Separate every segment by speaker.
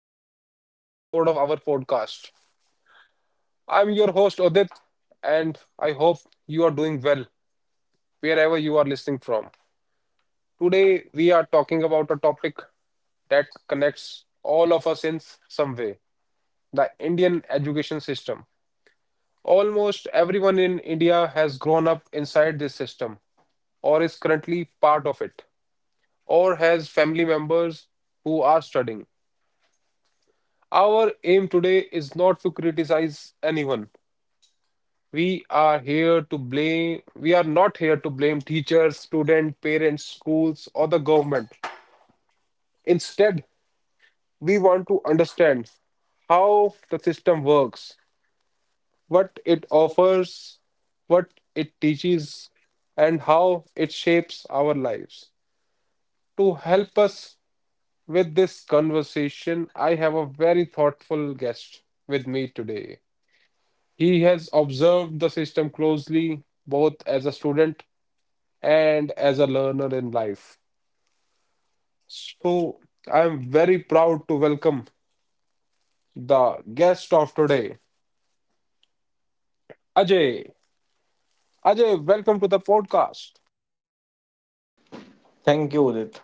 Speaker 1: to today's episode of our podcast. I'm your host, Odit, and I hope you are doing well wherever you are listening from. Today, we are talking about a topic that connects all of us in some way: the Indian education system. Almost everyone in India has grown up inside this system, or is currently part of it, or has family members who are studying. Our aim today is not to criticize anyone. We are not here to blame teachers, students, parents, schools, or the government. Instead, we want to understand how the system works, what it offers, what it teaches, and how it shapes our lives. To help us with this conversation, I have a very thoughtful guest with me today. He has observed the system closely, both as a student and as a learner in life. So I'm very proud to welcome the guest of today, Ajay. Ajay, welcome to the podcast.
Speaker 2: Thank you, Udit.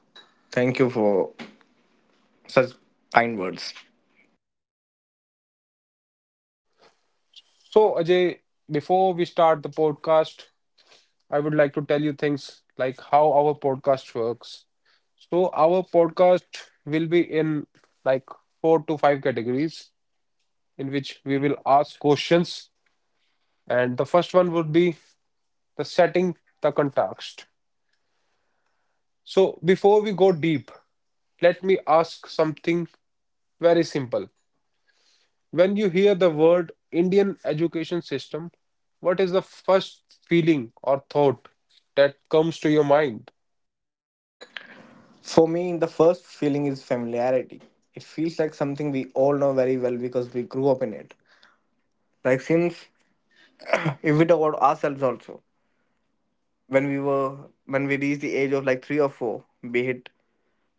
Speaker 2: Thank you for such kind words.
Speaker 1: So, Ajay, before we start the podcast, I would like to tell you things like how our podcast works. So, our podcast will be in like four to five categories in which we will ask questions. And the first one would be the setting, the context. So, before we go deep, let me ask something very simple. When you hear the word Indian education system, what is the first feeling or thought that comes to your mind?
Speaker 2: For me, the first feeling is familiarity. It feels like something we all know very well because we grew up in it. Like, since, if we talk about ourselves also, when we were when we reached the age of like three or four, be it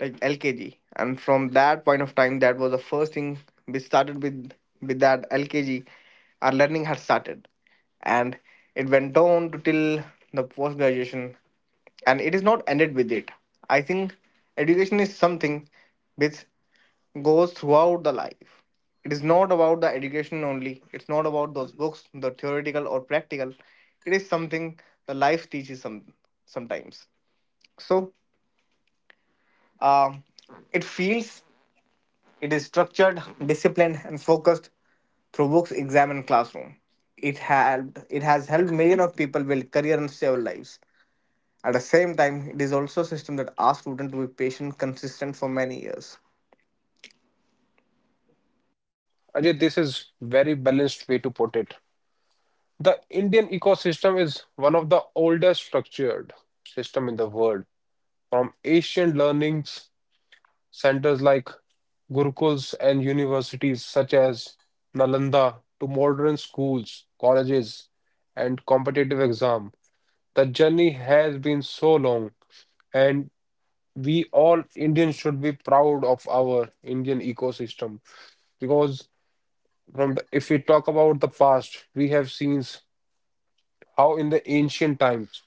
Speaker 2: like LKG. And from that point of time, that was the first thing we started with that LKG. Our learning had started, and it went on to till the post graduation, and it is not ended with it. I think education is something which goes throughout the life. It is not about the education only. It's not about those books, the theoretical or practical. It is something the life teaches sometimes. So, uh, it feels it is structured, disciplined, and focused through books, exam, and classroom. It helped. It has helped millions of people build career and save lives. At the same time, it is also a system that asks students to be patient, consistent for many years.
Speaker 1: Ajay, this is very balanced way to put it. The Indian ecosystem is one of the oldest structured system in the world. From ancient learnings centers like gurukuls and universities such as Nalanda to modern schools, colleges, and competitive exam. The journey has been so long, and we all Indians should be proud of our Indian ecosystem because if we talk about the past, we have seen how in the ancient times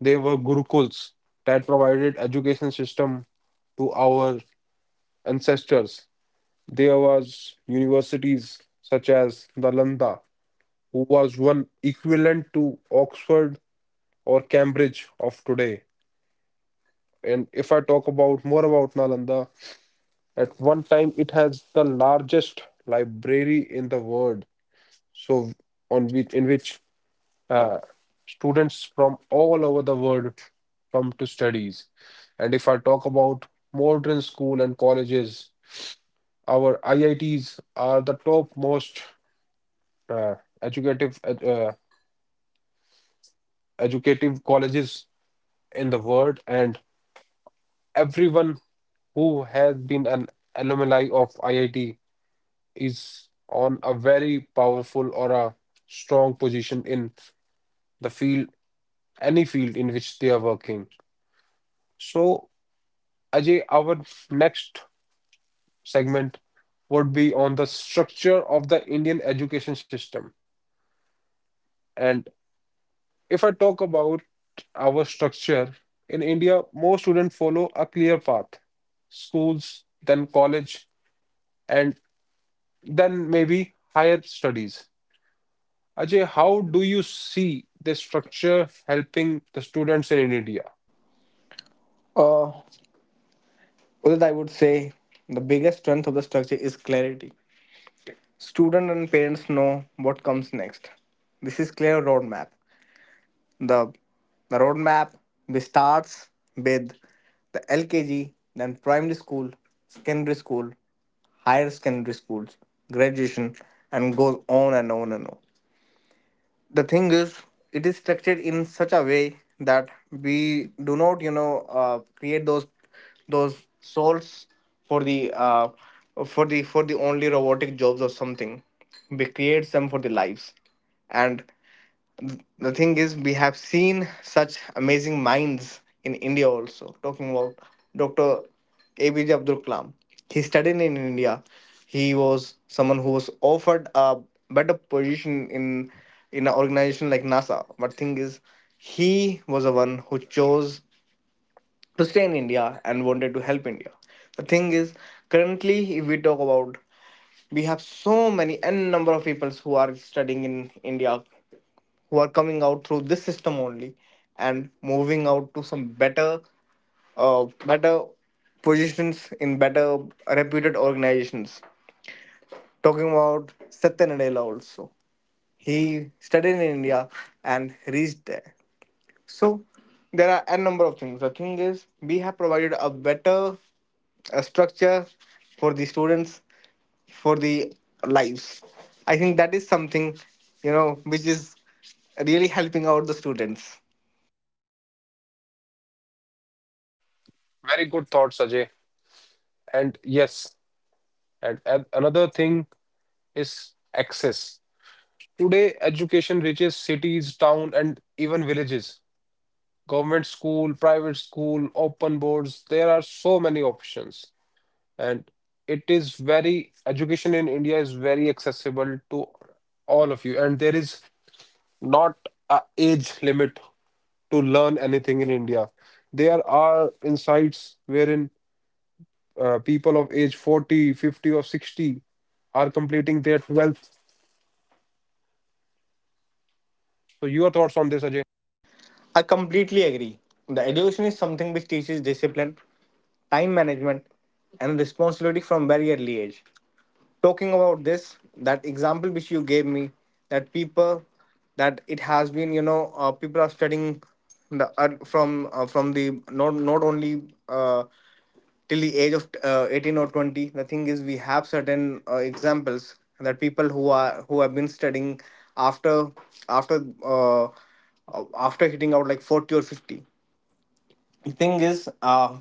Speaker 1: there were gurukuls that provided education system to our ancestors. There was universities such as Nalanda, who was one equivalent to Oxford or Cambridge of today. And if I talk about more about Nalanda, at one time it has the largest library in the world. So, on which in which uh, students from all over the world come to studies. And if I talk about modern school and colleges, our IITs are the topmost uh, educative ed- uh, educative colleges in the world, and everyone who has been an alumni of IIT is on a very powerful or a strong position in the field, any field in which they are working. So, Ajay, our next segment would be on the structure of the Indian education system. And if I talk about our structure, in India, most students follow a clear path: schools, then college, and then maybe higher studies. Ajay, how do you see this structure helping the students in India?
Speaker 2: Uh, with that, I would say the biggest strength of the structure is clarity. Students and parents know what comes next. This is clear roadmap. The, the roadmap which starts with the LKG, then primary school, secondary school, higher secondary schools, graduation, and goes on and on and on. The thing is, it is structured in such a way that we do not, create those souls for the uh, for the only robotic jobs or something. We create them for the lives, and the thing is, we have seen such amazing minds in India also, talking about Dr. ABJ Abdul Kalam. He studied in India. He was someone who was offered a better position in an organization like NASA. But thing is, he was the one who chose to stay in India and wanted to help India. The thing is, currently, if we talk about, we have so many n number of people who are studying in India, who are coming out through this system only, and moving out to some better positions in better reputed organizations, talking about Satya Nadella also. He studied in India and reached there. So there are a number of things. The thing is, we have provided a better structure for the students, for the lives. I think that is something you know which is really helping out the students.
Speaker 1: Very good thoughts, Ajay. And yes, and another thing is access. Today, education reaches cities, town, and even villages. Government school, private school, open boards, there are so many options. And it is very education in India is very accessible to all of you, and there is not a age limit to learn anything in India. There are insights wherein people of age 40, 50, or 60 are completing their 12th. So your thoughts on this, Ajay?
Speaker 2: I completely agree. The education is something which teaches discipline, time management, and responsibility from very early age. Talking about this, that example which you gave me, that people, that it has been, people are studying the from the not only till the age of 18 or 20. The thing is, we have certain examples that people who have been studying after after uh, after hitting out like 40 or 50. The thing is,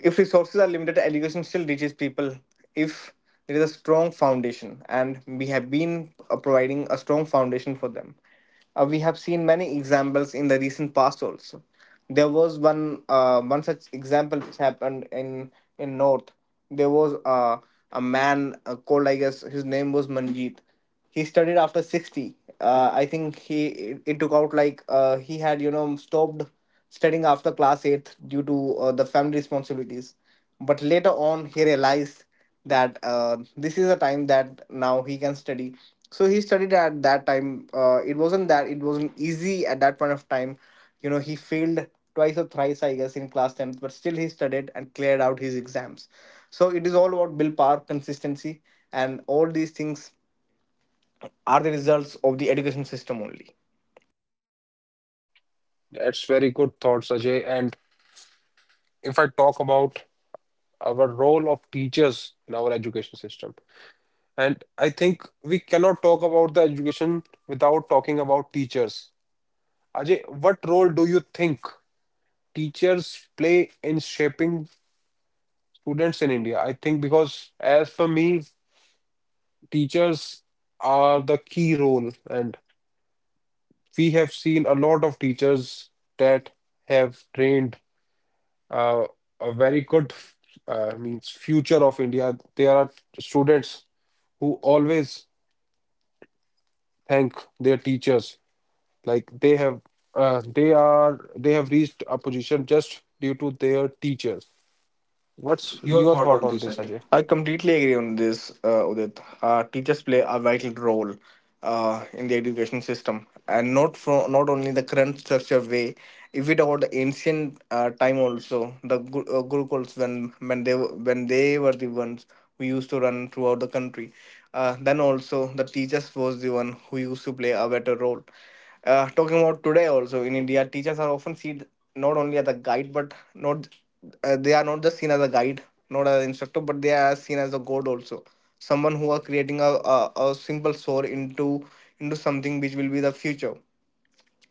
Speaker 2: if resources are limited, education still reaches people if there is a strong foundation, and we have been providing a strong foundation for them. We have seen many examples in the recent past also. There was one such example which happened in North. There was a man called, I guess his name was Manjeet. He studied after 60. I think it took out like, he had stopped studying after class eighth due to the family responsibilities. But later on, he realized that this is a time that now he can study. So he studied at that time. It wasn't easy at that point of time. He failed twice or thrice, I guess, in class 10th, but still he studied and cleared out his exams. So it is all about willpower, consistency, and all these things are the results of the education system only.
Speaker 1: That's very good thoughts, Ajay. And if I talk about our role of teachers in our education system, and I think we cannot talk about the education without talking about teachers. Ajay, what role do you think teachers play in shaping students in India? I think because, as for me, teachers are the key role, and we have seen a lot of teachers that have trained uh, a very good, means future of India. There are students who always thank their teachers, like they have reached a position just due to their teachers. What's
Speaker 2: Your
Speaker 1: your
Speaker 2: thought
Speaker 1: thought
Speaker 2: on
Speaker 1: on
Speaker 2: this,
Speaker 1: this,
Speaker 2: Ajay?
Speaker 1: Ajay?
Speaker 2: I completely agree on this, Udit. Teachers play a vital role in the education system, and not only the current structure way. If we talk about the ancient time, also the gurukuls, when they were the ones who used to run throughout the country, then also, the teachers was the one who used to play a better role. Talking about today also, in India, teachers are often seen not only as a guide, but not they are not just seen as a guide, not as an instructor, but they are seen as a god also. Someone who are creating a simple soul into something which will be the future.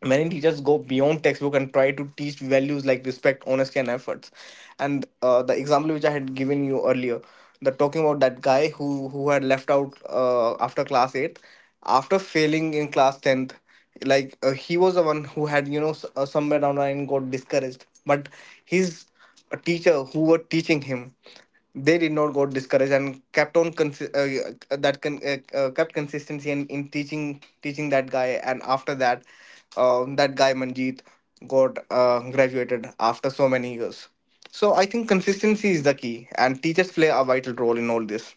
Speaker 2: Many teachers go beyond textbook and try to teach values like respect, honesty, and efforts. And the example which I had given you earlier, the talking about that guy who had left out after class 8, after failing in class 10th. Like, he was the one who had somewhere down the line got discouraged, but his teacher who were teaching him, they did not got discouraged and kept on consi- that con- kept consistency in teaching that guy. And after that, that guy Manjeet got graduated after so many years. So I think consistency is the key, and teachers play a vital role in all this.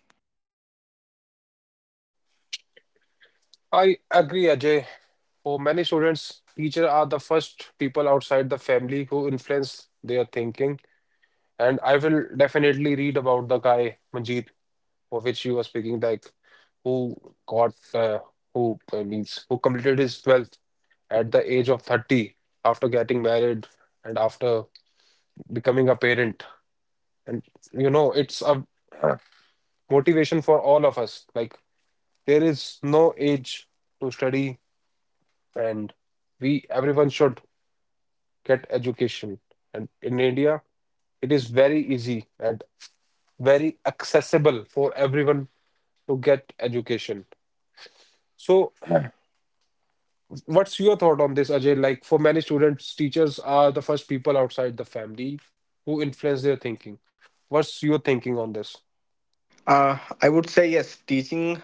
Speaker 1: I agree, Ajay. For many students, teachers are the first people outside the family who influence their thinking. And I will definitely read about the guy, Manjeet, for which you were speaking, like who got, who means, who completed his 12th at the age of 30 after getting married and after becoming a parent. And it's a motivation for all of us. Like, there is no age to study, and we everyone should get education. And in India, it is very easy and very accessible for everyone to get education. So, what's your thought on this, Ajay? Like, for many students, teachers are the first people outside the family who influence their thinking. What's your thinking on this?
Speaker 2: I would say yes, teaching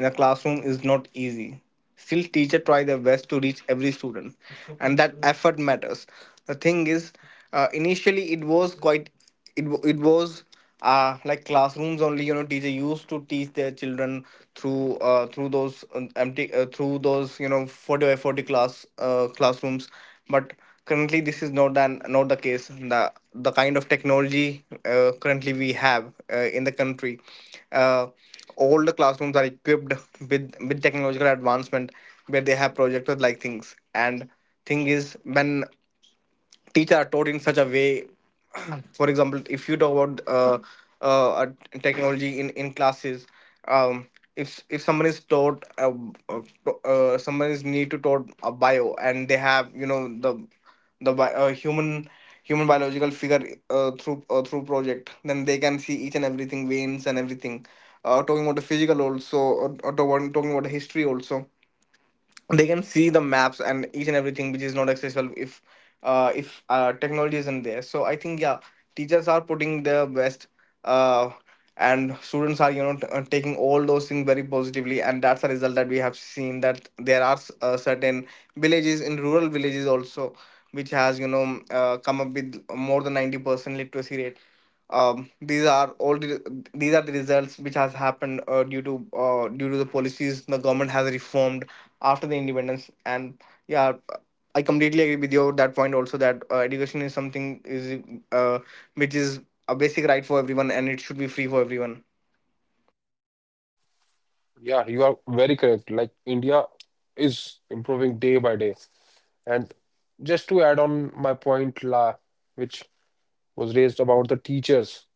Speaker 2: in a classroom is not easy. Still, teacher try their best to reach every student, and that effort matters. The thing is, initially it was it wa- it was like classrooms only. Teacher used to teach their children through those empty through those you know 40 by 40 classrooms. But currently, this is not the case. The kind of technology currently we have in the country, uh, all the classrooms are equipped with technological advancement, where they have projectors like things. And thing is, when teachers are taught in such a way, for example, if you talk about uh, a technology in classes, um, if someone is uh, need to taught a bio, and they have the the human biological figure, through project, then they can see each and everything, veins and everything. Talking about the physical also, or talking about the history also, they can see the maps and each and everything, which is not accessible if technology isn't there. So I think, yeah, teachers are putting their best, uh, and students are taking all those things very positively. And that's the result that we have seen, that there are certain villages, in rural villages also, which has come up with more than 90% literacy rate. Um, these are all the, these are the results which has happened due to the policies the government has reformed after the independence. And yeah, I completely agree with you at that point also, that education is something is uh, which is a basic right for everyone, and it should be free for everyone.
Speaker 1: Yeah, you are very correct. Like, India is improving day by day. And just to add on my point la, which was raised about the teachers,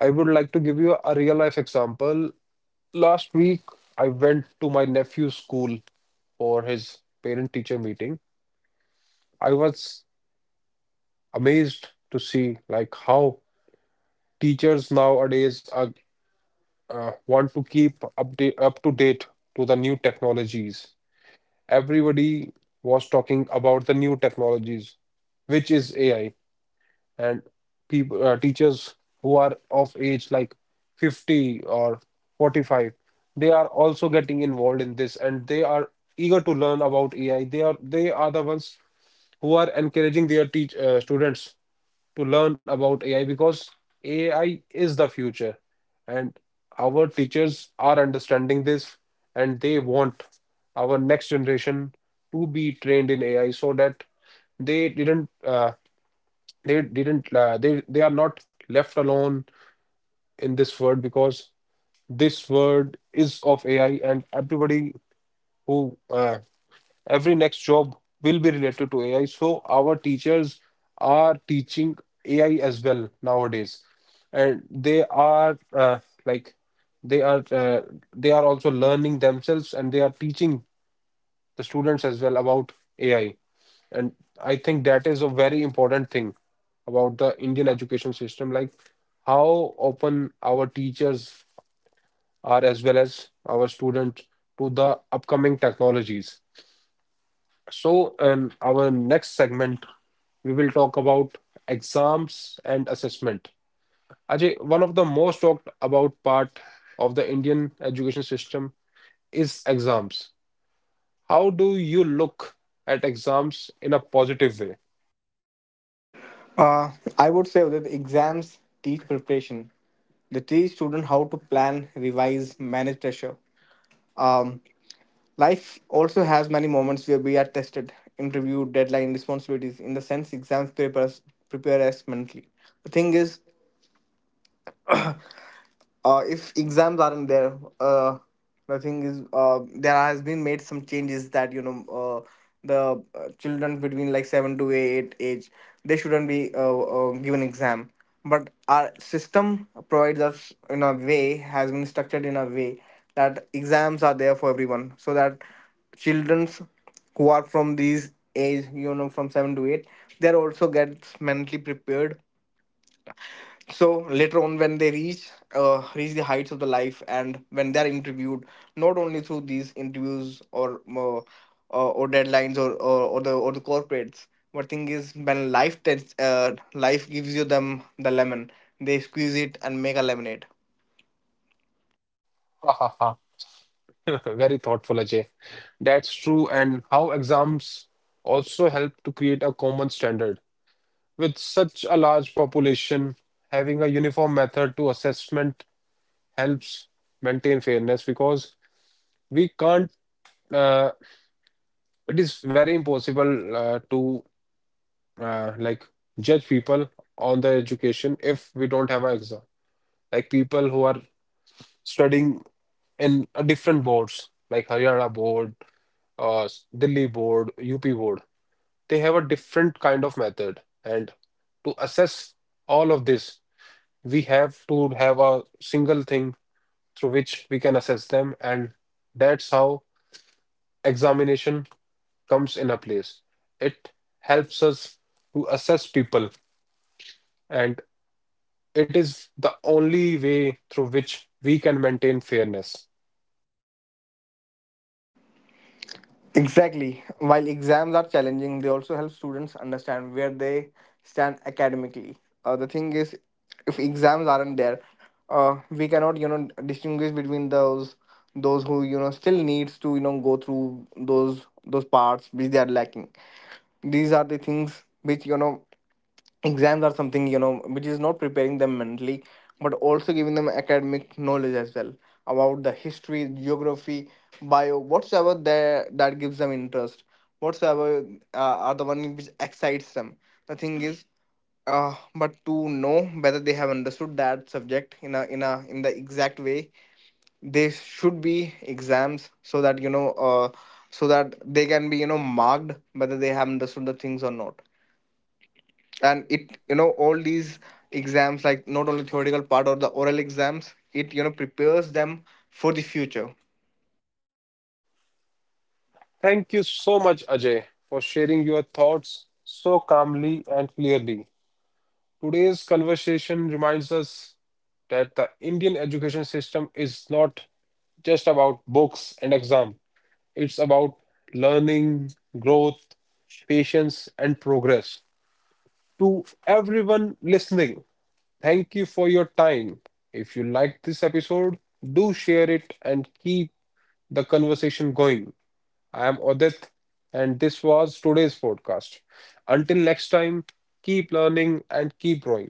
Speaker 1: I would like to give you a real life example. Last week, I went to my nephew's school for his parent teacher meeting. I was amazed to see like how teachers nowadays want to keep update up to date to the new technologies. Everybody was talking about the new technologies, which is AI. And people teachers who are of age like 50 or 45 they are also getting involved in this, and they are eager to learn about AI. They are the ones who are encouraging their teach students to learn about AI because AI is the future, and our teachers are understanding this, and they want our next generation to be trained in AI so that they didn't, they didn't, they are not left alone in this world because this world is of AI, and everybody who every next job will be related to AI. So our teachers are teaching AI as well nowadays, and like they are uh, they are also learning themselves, and they are teaching the students as well about AI. And I think that is a very important thing about the Indian education system, like how open our teachers are as well as our students to the upcoming technologies. So, in our next segment, we will talk about exams and assessment. Ajay, one of the most talked about part of the Indian education system is exams. How do you look at exams in a positive
Speaker 2: Uh, i would say that exams teach preparation. They teach students how to plan, revise, manage pressure. Um, life also has many moments where we are tested: interview, deadline, responsibilities. In the sense, exams prepare us mentally. The thing is, if exams aren't there, uh, nothing is there has been made some changes that the children between like 7 to 8 age, they shouldn't be given exam. But our system provides us in a way, has been structured in a way that exams are there for everyone, so that children's who are from these age, from 7 to 8, they're also gets mentally prepared. So later on, when they reach reach the heights of the life, and when they are interviewed, not only through these interviews or deadlines, or the corporates. But thing is, when life gives you them the lemon, they squeeze it and make a lemonade.
Speaker 1: way? Very thoughtful, Ajay. That's true, and how exams also help to create a common standard. With such a large population, having a uniform method to assessment helps maintain fairness because we can't, uh, it is very impossible to like judge people on their education if we don't have an exam. Like, people who are studying in a different boards, like Haryana board, uh, Delhi board, UP board, they have a different kind of method. And to assess all of this, we have to have a single thing through which we can assess them. And that's how examination comes in a place. It helps us to assess people, and it is the only way through which we can maintain fairness.
Speaker 2: Exactly. While exams are challenging, they also help students understand where they stand academically. The thing is, if exams aren't there, we cannot distinguish between those who still needs to go through those parts which they are lacking. These are the things which exams are something which is not preparing them mentally, but also giving them academic knowledge as well, about the history, geography, bio, whatsoever there that gives them interest. Whatsoever are the one which excites them. The thing is, but to know whether they have understood that subject in the exact way, there should be exams so that so that they can be marked whether they have understood the things or not. And it all these exams, like not only theoretical part or the oral exams, it prepares them for the future.
Speaker 1: Thank you so much, Ajay, for sharing your thoughts so calmly and clearly. Today's conversation reminds us that the Indian education system is not just about books and exam. It's about learning, growth, patience, and progress. To everyone listening, thank you for your time. If you liked this episode, do share it and keep the conversation going. I am Odit, and this was today's podcast. Until next time, keep learning and keep growing.